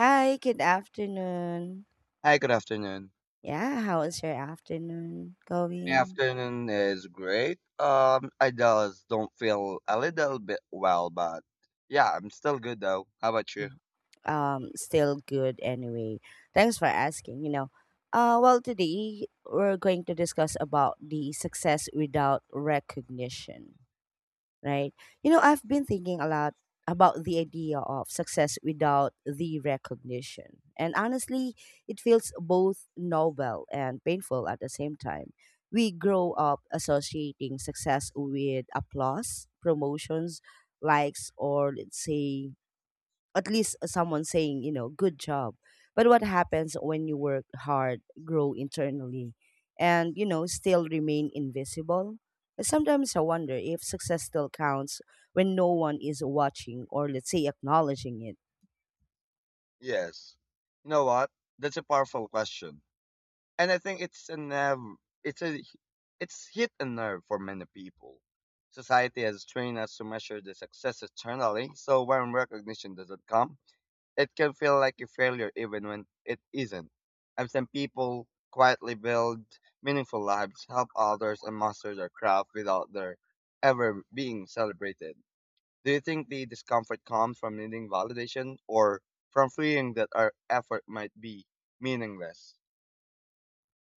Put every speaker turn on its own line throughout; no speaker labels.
Hi, good afternoon.
Hi, good afternoon.
Yeah, how is your afternoon
My
going?
afternoon is great. I just don't feel a little bit well, but yeah, I'm still good though. How about you?
Mm. Still good anyway. Thanks for asking. You know, today we're going to discuss about the success without recognition, right? You know, I've been thinking a lot about the idea of success without the recognition. And honestly, it feels both noble and painful at the same time. We grow up associating success with applause, promotions, likes, or let's say at least someone saying, good job. But what happens when you work hard, grow internally, and, still remain invisible? Sometimes I wonder if success still counts when no one is watching or, let's say, acknowledging it.
Yes. You know what? That's a powerful question, and I think it's a nerve. It's a it's hit a nerve for many people. Society has trained us to measure the success externally, so when recognition doesn't come, it can feel like a failure even when it isn't. I've seen people quietly build meaningful lives, help others, and master their craft without their ever being celebrated. Do you think the discomfort comes from needing validation or from fearing that our effort might be meaningless?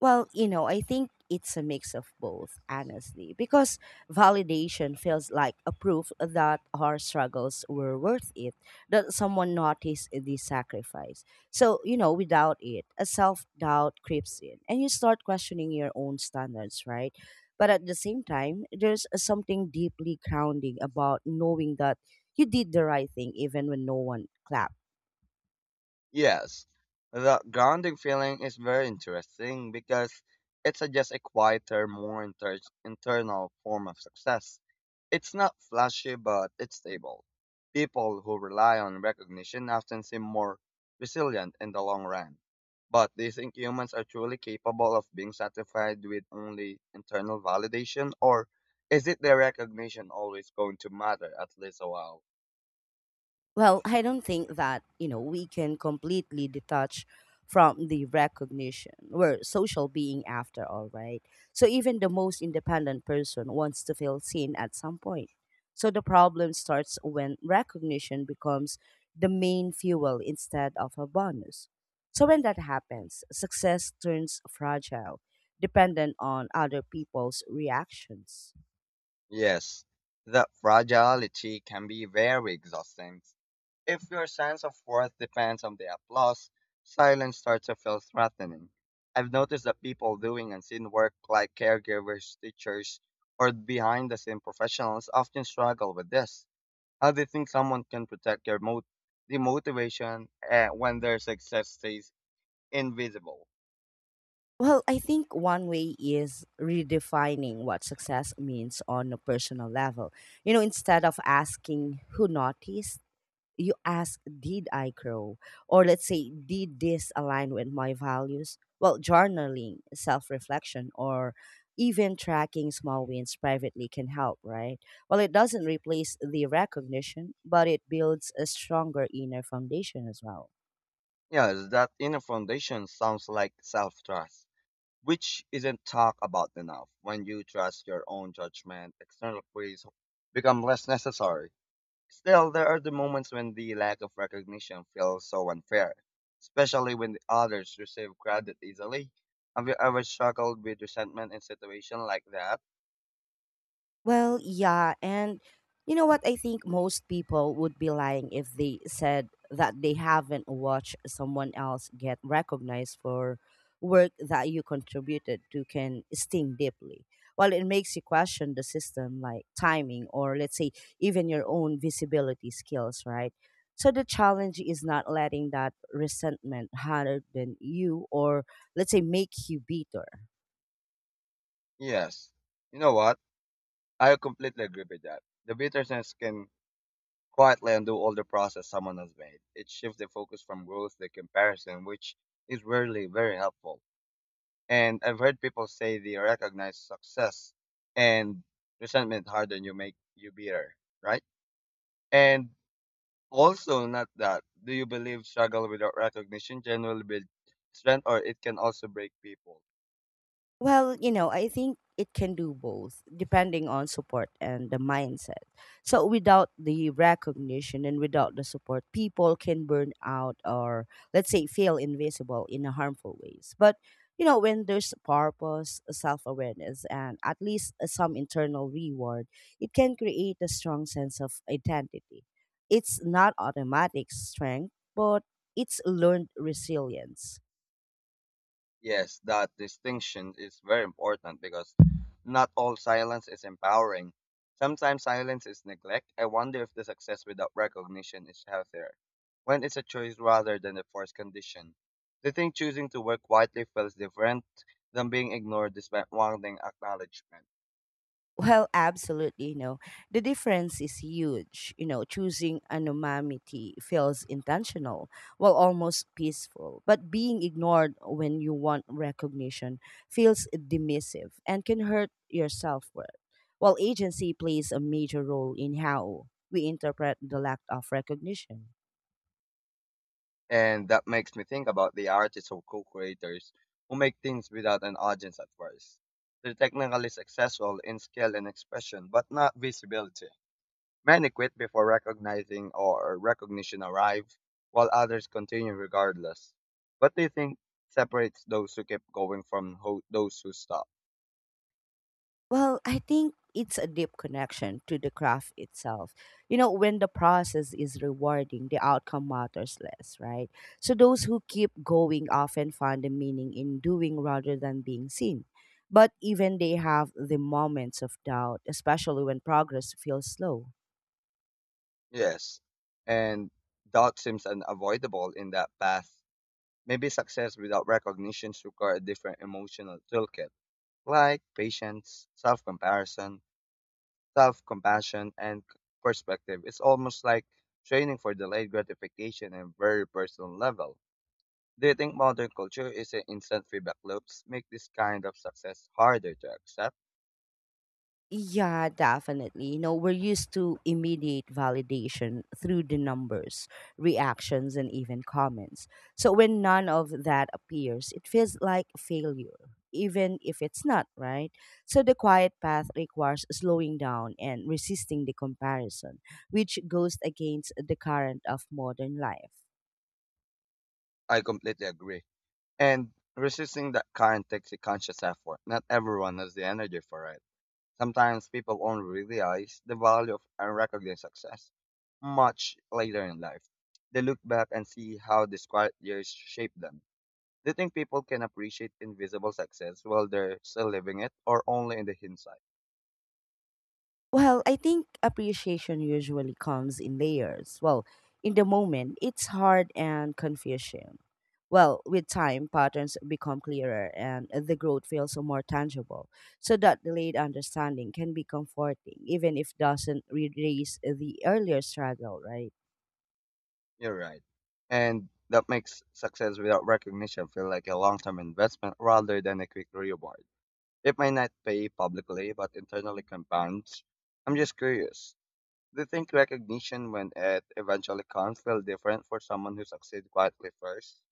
Well, you know, I think it's a mix of both, honestly, because validation feels like a proof that our struggles were worth it, that someone noticed the sacrifice. So, you know, without it, a self doubt creeps in and you start questioning your own standards, right? But at the same time, there's something deeply grounding about knowing that you did the right thing even when no one clapped.
Yes, the grounding feeling is very interesting because it suggests a quieter, more internal form of success. It's not flashy, but it's stable. People who rely on recognition often seem more resilient in the long run. But do you think humans are truly capable of being satisfied with only internal validation, or is it the recognition always going to matter at least a while?
Well, I don't think that, you know, we can completely detach from the recognition. We're social being after all, right? So even the most independent person wants to feel seen at some point. So the problem starts when recognition becomes the main fuel instead of a bonus. So when that happens, success turns fragile, dependent on other people's reactions.
Yes, that fragility can be very exhausting. If your sense of worth depends on the applause, silence starts to feel threatening. I've noticed that people doing unseen work like caregivers, teachers, or behind the scene professionals often struggle with this. How do you think someone can protect their the motivation when their success stays invisible?
Well, I think one way is redefining what success means on a personal level. You know, instead of asking who noticed, you ask, did I grow? Or let's say, did this align with my values? Well, journaling, self reflection, or even tracking small wins privately can help, right? Well, it doesn't replace the recognition, but it builds a stronger inner foundation as well.
Yes, that inner foundation sounds like self trust, which isn't talked about enough. When you trust your own judgment, external praise become less necessary. Still, there are the moments when the lack of recognition feels so unfair, especially when the others receive credit easily. Have you ever struggled with resentment in situation like that?
Well, yeah, and you know what? I think most people would be lying if they said that they haven't watched someone else get recognized for work that you contributed to can sting deeply. Well, it makes you question the system, like timing, or let's say even your own visibility skills, right? So the challenge is not letting that resentment harder than you, or let's say make you bitter.
Yes. You know what? I completely agree with that. The bitterness can quietly undo all the process someone has made. It shifts the focus from growth to comparison, which is rarely very helpful. And I've heard people say they recognize success and resentment harden you make you bitter, right? And also not that. Do you believe struggle without recognition generally builds strength or it can also break people?
Well, you know, I think it can do both, depending on support and the mindset. So, without the recognition and without the support, people can burn out or, let's say, feel invisible in a harmful ways. But, you know, when there's purpose, self awareness, and at least some internal reward, it can create a strong sense of identity. It's not automatic strength, but it's learned resilience.
Yes, that distinction is very important because not all silence is empowering. Sometimes silence is neglect. I wonder if the success without recognition is healthier, when it's a choice rather than a forced condition. Do you think choosing to work quietly feels different than being ignored despite wanting acknowledgement?
Well, absolutely. No, the difference is huge. You know, choosing anonymity feels intentional, while almost peaceful. But being ignored when you want recognition feels dismissive and can hurt your self worth. While agency plays a major role in how we interpret the lack of recognition.
And that makes me think about the artists or co-creators who make things without an audience at first. They're technically successful in skill and expression, but not visibility. Many quit before recognizing or recognition arrives, while others continue regardless. What do you think separates those who keep going from those who stop?
Well, I think it's a deep connection to the craft itself. You know, when the process is rewarding, the outcome matters less, right? So those who keep going often find the meaning in doing rather than being seen. But even they have the moments of doubt, especially when progress feels slow.
Yes. And doubt seems unavoidable in that path. Maybe success without recognitions require a different emotional toolkit, like patience, self-comparison, self-compassion, and perspective. It's almost like training for delayed gratification on a very personal level. Do you think modern culture is an instant feedback loops make this kind of success harder to accept?
Yeah, definitely. You know, we're used to immediate validation through the numbers, reactions, and even comments. So when none of that appears, it feels like failure, even if it's not, right? So the quiet path requires slowing down and resisting the comparison, which goes against the current of modern life.
I completely agree. And resisting that current takes a conscious effort. Not everyone has the energy for it. Sometimes people only realize the value of unrecognized success much later in life. They look back and see how these quiet years shaped them. Do you think people can appreciate invisible success while they're still living it or only in the hindsight?
Well, I think appreciation usually comes in layers. Well, in the moment, it's hard and confusing. Well, with time, patterns become clearer and the growth feels more tangible. So that delayed understanding can be comforting, even if doesn't erase the earlier struggle, right?
You're right. And that makes success without recognition feel like a long term investment rather than a quick reward. It may not pay publicly, but internally compounds. I'm just curious. Do you think recognition, when it eventually comes, feel different for someone who succeeds quietly first?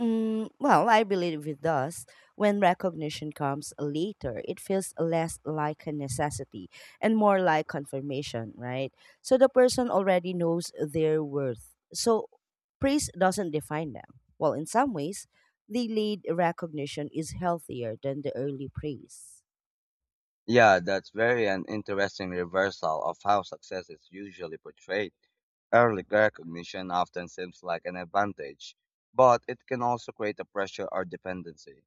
Mm, well, I believe it does. When recognition comes later, it feels less like a necessity and more like confirmation, right? So the person already knows their worth. So praise doesn't define them. Well, in some ways, delayed recognition is healthier than the early praise.
Yeah, that's very an interesting reversal of how success is usually portrayed. Early recognition often seems like an advantage, but it can also create a pressure or dependency.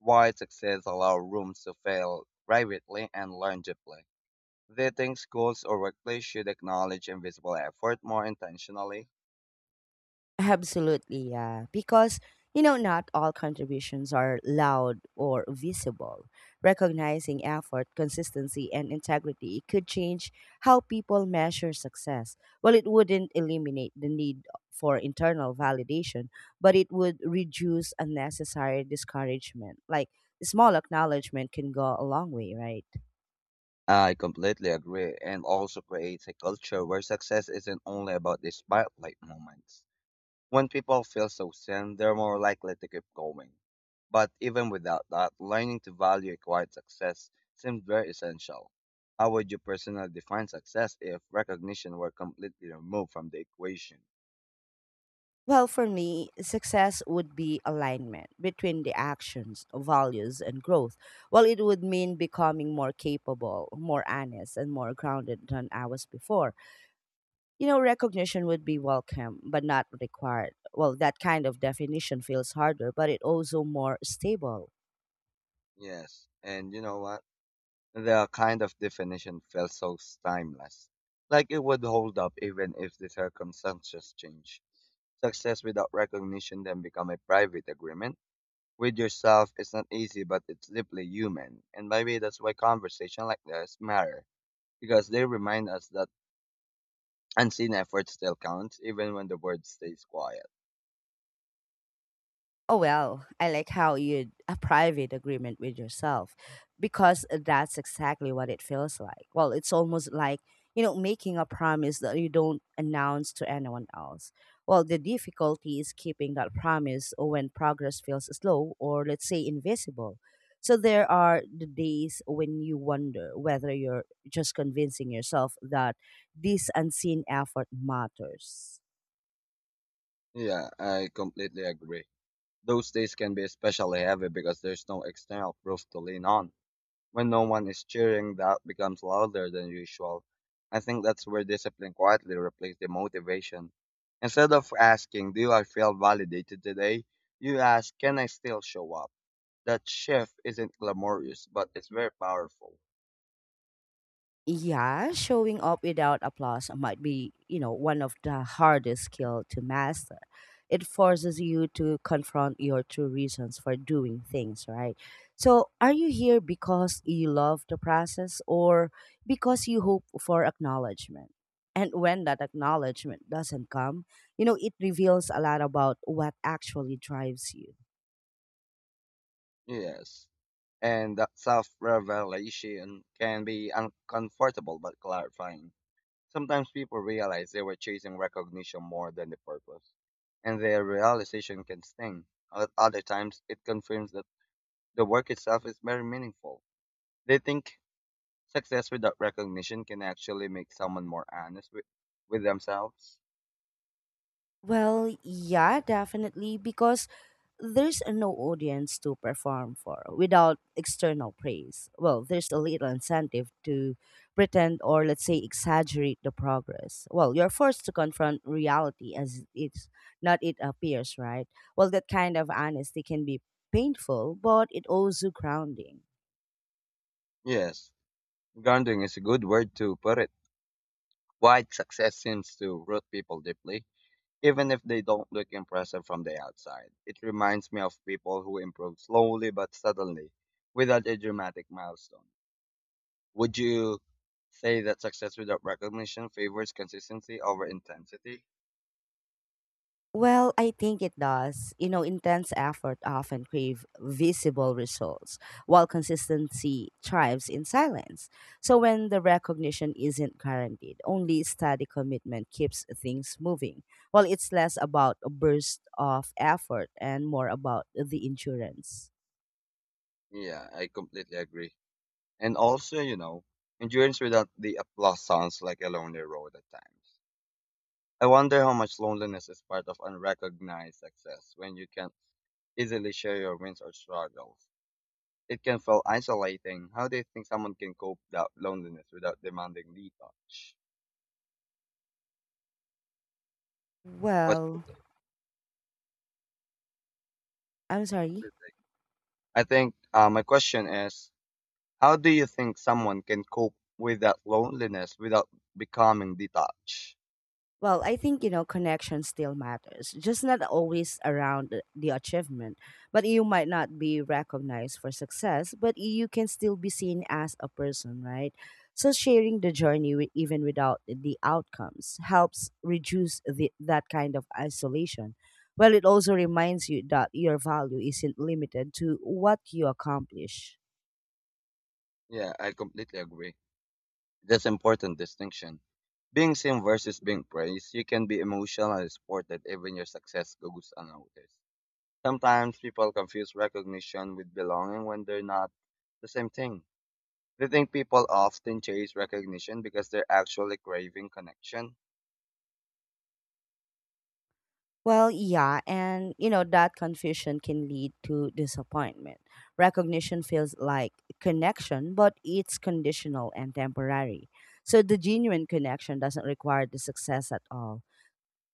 Wide success allows rooms to fail privately and learn deeply. They think schools or workplaces should acknowledge invisible effort more intentionally.
Absolutely, yeah. Because, you know, not all contributions are loud or visible. Recognizing effort, consistency, and integrity could change how people measure success. Well, it wouldn't eliminate the need for internal validation, but it would reduce unnecessary discouragement. Like, small acknowledgement can go a long way, right?
I completely agree, and also creates a culture where success isn't only about the spotlight moments. When people feel so seen, they're more likely to keep going. But even without that, learning to value acquired success seems very essential. How would you personally define success if recognition were completely removed from the equation?
Well, for me, success would be alignment between the actions, values, and growth. Well, it would mean becoming more capable, more honest, and more grounded than I was before. You know, recognition would be welcome, but not required. Well, that kind of definition feels harder, but it also more stable.
Yes, and you know what? The kind of definition felt so timeless, like it would hold up even if the circumstances change. Success without recognition then become a private agreement with yourself. It's not easy, but it's deeply human, and maybe that's why conversation like this matter because they remind us that unseen effort still counts, even when the world stays quiet.
Oh, well, I like how you'd a private agreement with yourself because that's exactly what it feels like. Well, it's almost like, you know, making a promise that you don't announce to anyone else. Well, the difficulty is keeping that promise when progress feels slow or, let's say, invisible. So there are the days when you wonder whether you're just convincing yourself that this unseen effort matters.
Yeah, I completely agree. Those days can be especially heavy because there's no external proof to lean on. When no one is cheering, doubt becomes louder than usual. I think that's where discipline quietly replaced the motivation. Instead of asking, do I feel validated today? You ask, can I still show up? That shift isn't glamorous, but it's very powerful.
Yeah, showing up without applause might be, you know, one of the hardest skill to master. It forces you to confront your true reasons for doing things, right? So, are you here because you love the process or because you hope for acknowledgement? And when that acknowledgement doesn't come, you know, it reveals a lot about what actually drives you.
Yes. And that self revelation can be uncomfortable but clarifying. Sometimes people realize they were chasing recognition more than the purpose, and their realization can sting. At other times, it confirms that the work itself is very meaningful. They think success without recognition can actually make someone more honest with themselves.
Well, yeah, definitely, because there's no audience to perform for without external praise. Well, there's a little incentive to pretend or, let's say, exaggerate the progress. Well, you're forced to confront reality as it's not it appears, right? Well, that kind of honesty can be painful, but it also grounding.
Yes, grounding is a good word to put it. Quiet success seems to root people deeply, even if they don't look impressive from the outside. It reminds me of people who improve slowly but suddenly, without a dramatic milestone. Would you say that success without recognition favors consistency over intensity?
Well, I think it does. You know, intense effort often crave visible results, while consistency thrives in silence. So when the recognition isn't guaranteed, only steady commitment keeps things moving. Well, it's less about a burst of effort and more about the insurance.
Yeah, I completely agree. And also, you know, endurance without the applause sounds like a lonely road at times. I wonder how much loneliness is part of unrecognized success when you can easily share your wins or struggles. It can feel isolating. How do you think someone can cope that loneliness without demanding detach? But
Well, I'm sorry.
I think my question is, how do you think someone can cope with that loneliness without becoming detached?
Well, I think you know connection still matters. Just not always around the achievement. But you might not be recognized for success, but you can still be seen as a person, right? So sharing the journey even without the outcomes helps reduce that kind of isolation. Well, it also reminds you that your value isn't limited to what you accomplish.
Yeah, I completely agree. That's important distinction. Being seen versus being praised, you can be emotional and supported even your success goes unnoticed. Sometimes people confuse recognition with belonging when they're not the same thing. They think people often chase recognition because they're actually craving connection.
Well, yeah, and you know that confusion can lead to disappointment. Recognition feels like connection, but it's conditional and temporary. So the genuine connection doesn't require the success at all.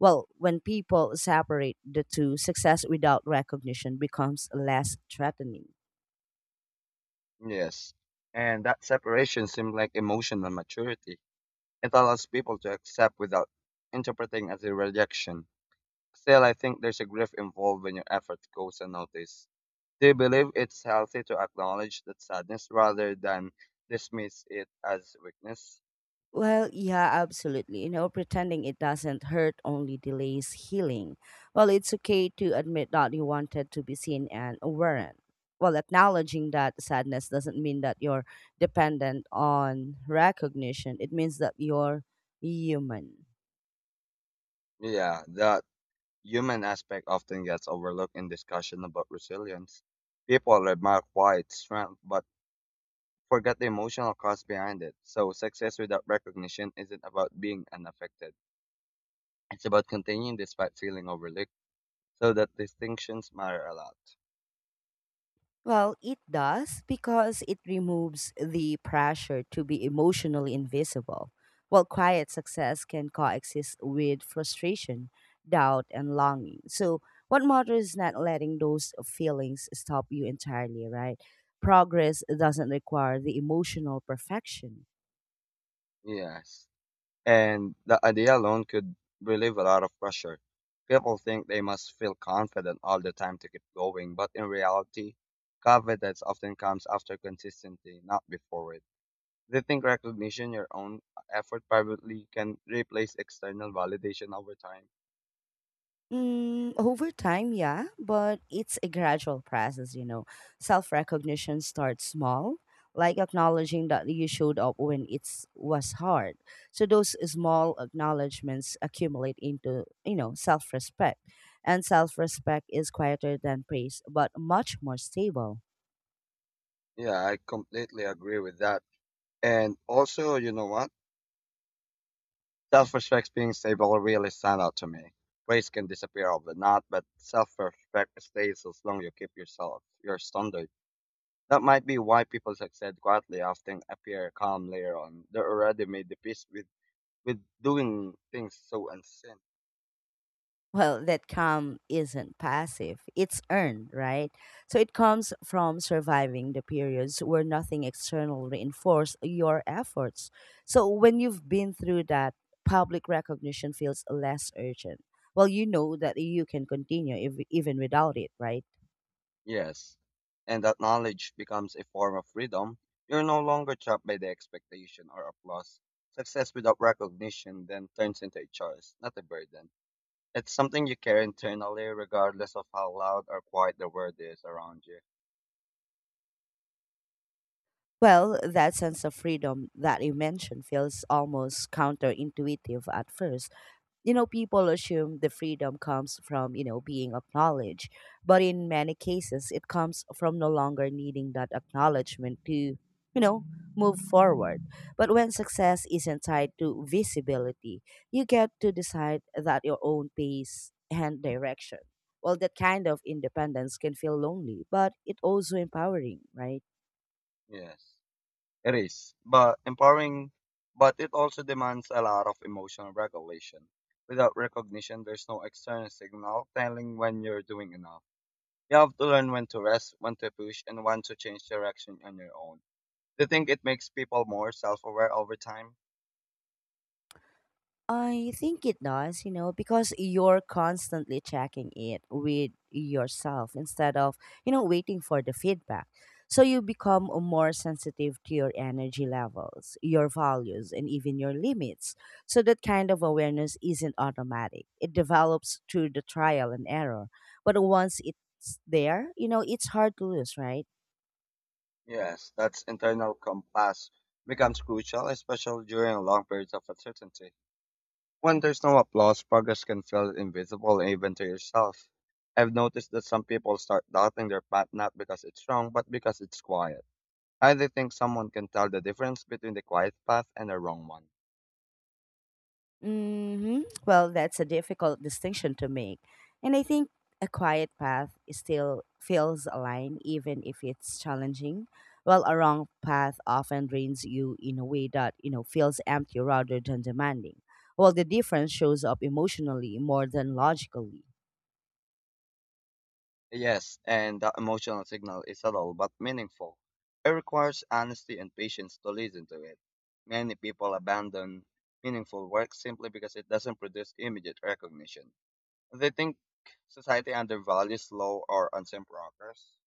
Well, when people separate the two, success without recognition becomes less threatening.
Yes. And that separation seems like emotional maturity. It allows people to accept without interpreting as a rejection. Still, I think there's a grief involved when your effort goes unnoticed. They believe it's healthy to acknowledge that sadness rather than dismiss it as weakness.
Well, yeah, absolutely. You know, pretending it doesn't hurt only delays healing. Well, it's okay to admit that you wanted to be seen and weren't. Well, acknowledging that sadness doesn't mean that you're dependent on recognition. It means that you're human.
Yeah, that human aspect often gets overlooked in discussion about resilience. People remark why it's strength, but forget the emotional cost behind it. So success without recognition isn't about being unaffected. It's about continuing despite feeling overlooked. So that distinctions matter a lot.
Well, it does because it removes the pressure to be emotionally invisible. While quiet success can coexist with frustration, doubt, and longing. So, what matters is not letting those feelings stop you entirely, right? Progress doesn't require the emotional perfection.
Yes. And the idea alone could relieve a lot of pressure. People think they must feel confident all the time to keep going, but in reality, confidence often comes after consistency, not before it. They think recognition your own effort privately can replace external validation over time.
Mm, over time, yeah, but it's a gradual process, you know. Self recognition starts small, like acknowledging that you showed up when it's was hard. So those small acknowledgments accumulate into, you know, self respect. And self respect is quieter than praise, but much more stable.
Yeah, I completely agree with that. And also, you know what? Self-respect being stable really stand out to me. Praise can disappear overnight, but self-respect stays as long you keep yourself, your standards. That might be why people succeed quietly often appear calm later on. They already made the peace with doing things so unseen.
Well, that calm isn't passive, it's earned, right? So it comes from surviving the periods where nothing external reinforced your efforts. So when you've been through that, public recognition feels less urgent. Well, you know that you can continue even without it, right?
Yes. And that knowledge becomes a form of freedom. You're no longer trapped by the expectation or applause. Success without recognition then turns into a choice, not a burden. It's something you carry internally regardless of how loud or quiet the world is around you.
Well, that sense of freedom that you mentioned feels almost counterintuitive at first. You know, people assume the freedom comes from, you know, being acknowledged, but in many cases it comes from no longer needing that acknowledgement to, you know, move forward. But when success isn't tied to visibility, you get to decide that your own pace and direction. Well, that kind of independence can feel lonely, but it also empowering, right?
Yes. It is, but empowering, but it also demands a lot of emotional regulation. Without recognition, there's no external signal telling when you're doing enough. You have to learn when to rest, when to push, and when to change direction on your own. Do you think it makes people more self aware over time?
I think it does, you know, because you're constantly checking it with yourself instead of, you know, waiting for the feedback. So you become more sensitive to your energy levels, your values, and even your limits. So that kind of awareness isn't automatic. It develops through the trial and error. But once it's there, you know, it's hard to lose, right?
Yes, that's internal compass becomes crucial, especially during long periods of uncertainty. When there's no applause, progress can feel invisible even to yourself. I've noticed that some people start doubting their path not because it's wrong, but because it's quiet. I do think someone can tell the difference between the quiet path and the wrong one.
Hmm. Well, that's a difficult distinction to make. And I think a quiet path is still feels aligned, even if it's challenging. While a wrong path often drains you in a way that, you know, feels empty rather than demanding. Well, the difference shows up emotionally more than logically.
Yes, and that emotional signal is subtle but meaningful. It requires honesty and patience to listen to it. Many people abandon meaningful work simply because it doesn't produce immediate recognition. They think society undervalues slow or unseen progress.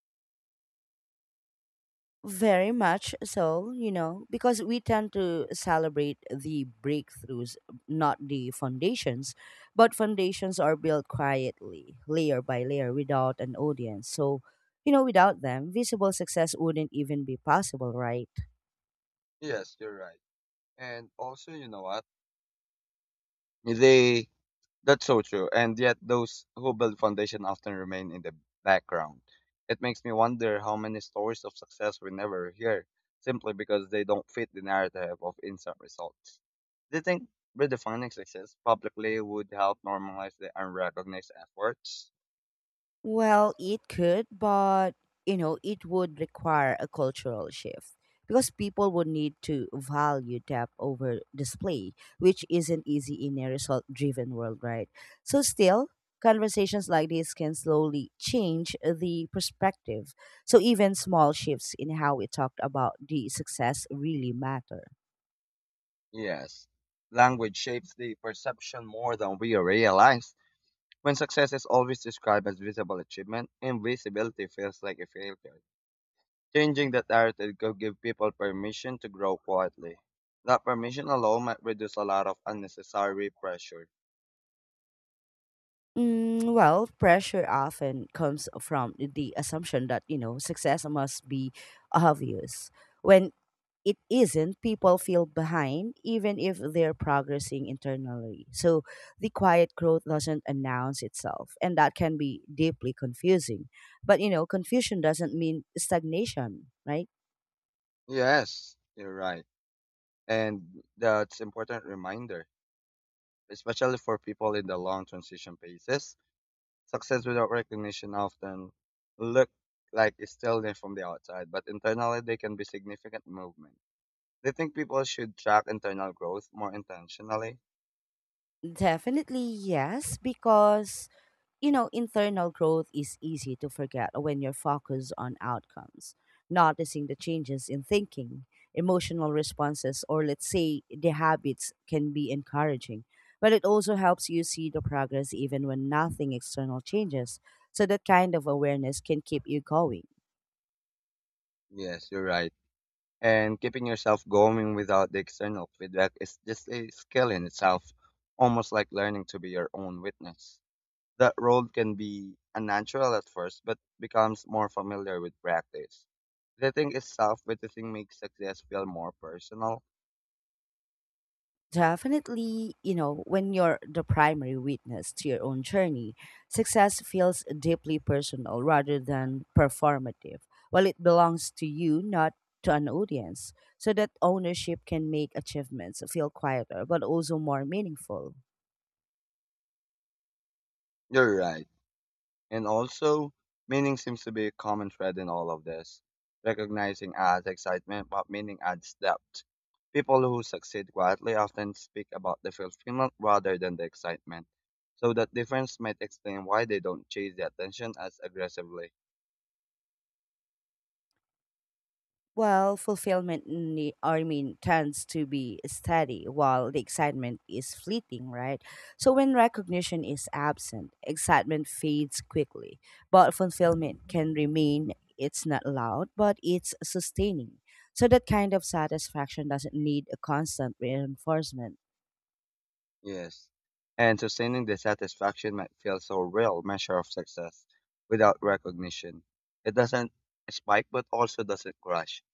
Very much so, you know, because we tend to celebrate the breakthroughs, not the foundations. But foundations are built quietly, layer by layer, without an audience. So, you know, without them, visible success wouldn't even be possible, right?
Yes, you're right. And also, you know what? They That's so true. And yet those who build foundation often remain in the background. It makes me wonder how many stories of success we never hear simply because they don't fit the narrative of instant results. Do you think redefining success publicly would help normalize the unrecognized efforts?
Well, it could, but you know, it would require a cultural shift because people would need to value depth over display, which isn't easy in a result driven world, right? So, still, conversations like this can slowly change the perspective. So, even small shifts in how we talked about the success really matter.
Yes. Language shapes the perception more than we realize. When success is always described as visible achievement, invisibility feels like a failure. Changing that narrative could give people permission to grow quietly. That permission alone might reduce a lot of unnecessary pressure.
Well, pressure often comes from the assumption that, you know, success must be obvious. When it isn't, people feel behind even if they're progressing internally. So the quiet growth doesn't announce itself, and that can be deeply confusing. But, you know, confusion doesn't mean stagnation, right?
Yes, you're right. And that's important reminder, especially for people in the long transition phases. Success without recognition often look like it's stillness from the outside, but internally they can be significant movement. They think people should track internal growth more intentionally.
Definitely yes, because you know, internal growth is easy to forget when you're focused on outcomes, noticing the changes in thinking, emotional responses, or let's say the habits can be encouraging. But it also helps you see the progress even when nothing external changes. So that kind of awareness can keep you going.
Yes, you're right. And keeping yourself going without the external feedback is just a skill in itself, almost like learning to be your own witness. That role can be unnatural at first, but becomes more familiar with practice. The thing is self witnessing makes success feel more personal.
Definitely, you know, when you're the primary witness to your own journey, success feels deeply personal rather than performative. While it belongs to you, not to an audience, so that ownership can make achievements feel quieter but also more meaningful.
You're right. And also, meaning seems to be a common thread in all of this. Recognizing adds excitement, but meaning adds depth. People who succeed quietly often speak about the fulfillment rather than the excitement. So that difference might explain why they don't chase the attention as aggressively.
Well, fulfillment, tends to be steady while the excitement is fleeting, right? So when recognition is absent, excitement fades quickly, but fulfillment can remain. It's not loud, but it's sustaining. So that kind of satisfaction doesn't need a constant reinforcement.
Yes. And sustaining the satisfaction might feel so real measure of success without recognition. It doesn't spike but also doesn't crash.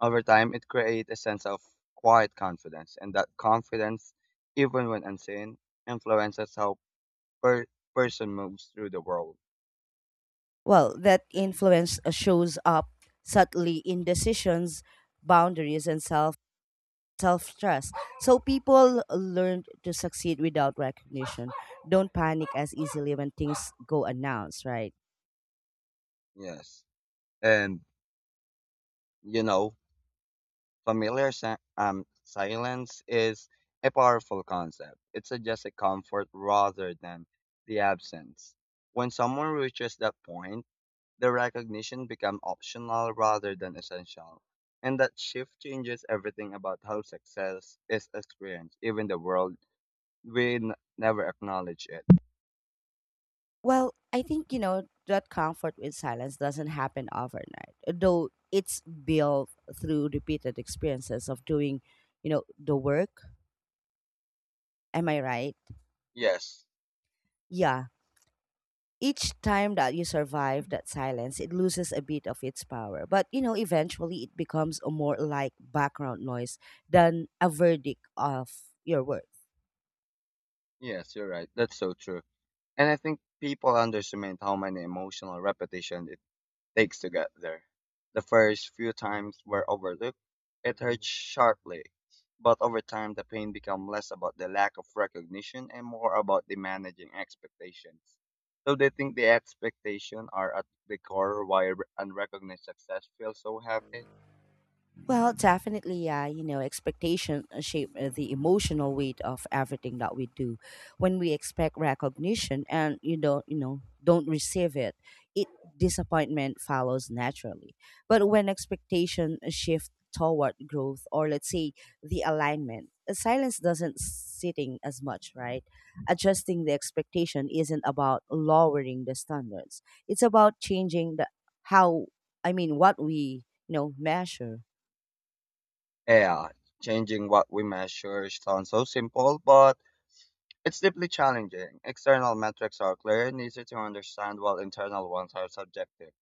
Over time, it creates a sense of quiet confidence, and that confidence, even when unseen, influences how per- person moves through the world.
Well, that influence shows up subtly in decisions, boundaries, and self trust. So people learn to succeed without recognition. Don't panic as easily when things go announced, right?
Yes, and you know, familiar silence is a powerful concept. It suggests a comfort rather than the absence. When someone reaches that point, the recognition become optional rather than essential. And that shift changes everything about how success is experienced, even the world we never acknowledge it.
Well, I think, you know, that comfort with silence doesn't happen overnight, though it's built through repeated experiences of doing, you know, the work. Am I right?
Yes,
Yeah. Each time that you survive that silence, it loses a bit of its power. But, you know, eventually it becomes more like background noise than a verdict of your work.
yes, you're right. That's so true. And I think people underestimate how many emotional repetition takes to get there. The first few times were overlooked. It hurt sharply, but over time the pain became less about the lack of recognition and more about the managing expectations. So they think the expectations are at the core why unrecognized success feels so heavy.
Well, definitely, yeah. You know, expectation shape the emotional weight of everything that we do. When we expect recognition and you don't, you know, don't receive it, it disappointment follows naturally. But when expectation shift toward growth or let's say the alignment, silence doesn't sitting as much, right? Adjusting the expectation isn't about lowering the standards. It's about changing the how I mean what we you know measure.
Yeah, changing what we measure sounds so simple, but it's deeply challenging. External metrics are clear and easy to understand, while internal ones are subjective.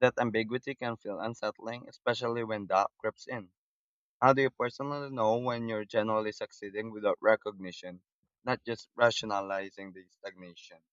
That ambiguity can feel unsettling, especially when doubt creeps in. How do you personally know when you're generally succeeding without recognition, not just rationalizing the stagnation?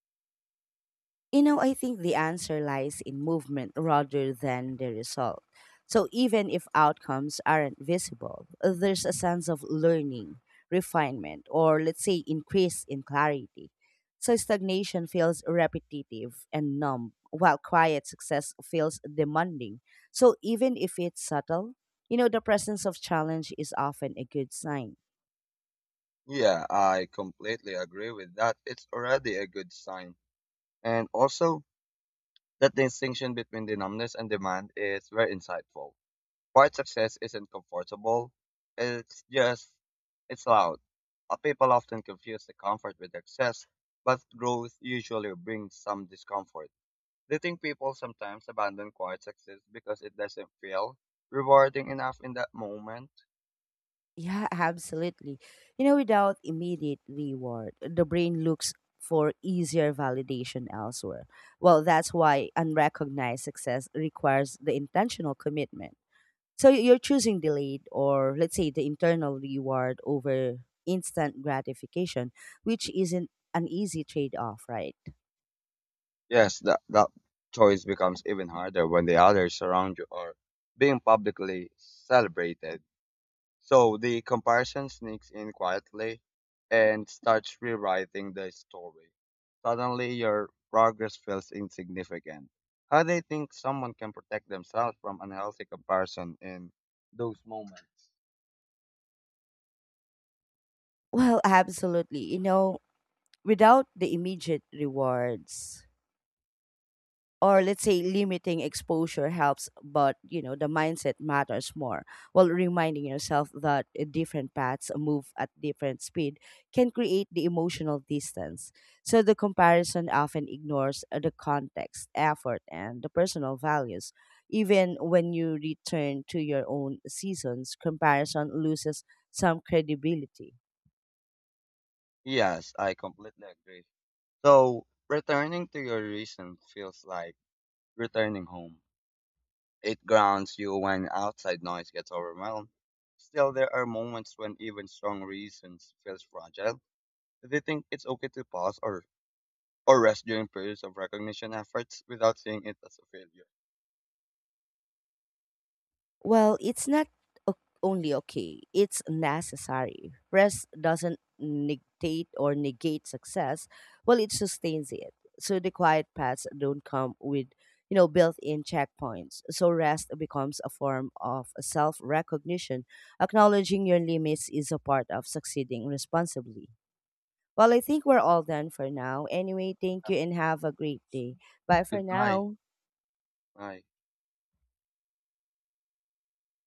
You know, I think the answer lies in movement rather than the result. So even if outcomes aren't visible, there's a sense of learning, refinement, or let's say increase in clarity. So stagnation feels repetitive and numb, while quiet success feels demanding. So even if it's subtle, you know, the presence of challenge is often a good sign.
Yeah, I completely agree with that. It's already a good sign. And also, that distinction between the numbness and demand is very insightful. Quiet success isn't comfortable. It's just, it's loud. People often confuse the comfort with excess, but growth usually brings some discomfort. Do you think people sometimes abandon quiet success because it doesn't feel rewarding enough in that moment?
Yeah, absolutely. You know, without immediate reward, the brain looks for easier validation elsewhere. Well, that's why unrecognized success requires the intentional commitment. So you're choosing delayed or, let's say, the internal reward over instant gratification, which isn't an easy trade off, right?
Yes, that choice becomes even harder when the others around you are being publicly celebrated. So the comparison sneaks in quietly and starts rewriting the story. Suddenly, your progress feels insignificant. How do you think someone can protect themselves from unhealthy comparison in those moments?
Well, absolutely. You know, without the immediate rewards, or let's say limiting exposure helps but you know the mindset matters more while reminding yourself that different paths move at different speed can create the emotional distance so the comparison often ignores the context effort and the personal values even when you return to your own seasons comparison loses some credibility.
Yes, I completely agree. So, returning to your reason feels like returning home. It grounds you when outside noise gets overwhelmed. Still, there are moments when even strong reasons feels fragile. Do you think it's okay to pause or rest during periods of recognition efforts without seeing it as a failure?
Well, it's not o- only okay, it's necessary. Rest doesn't negate success, well, it sustains it. So the quiet paths don't come with, you know, built-in checkpoints. So rest becomes a form of self-recognition. Acknowledging your limits is a part of succeeding responsibly. Well, I think we're all done for now. Anyway, thank you and have a great day. Bye for
Goodbye.
now.
Bye.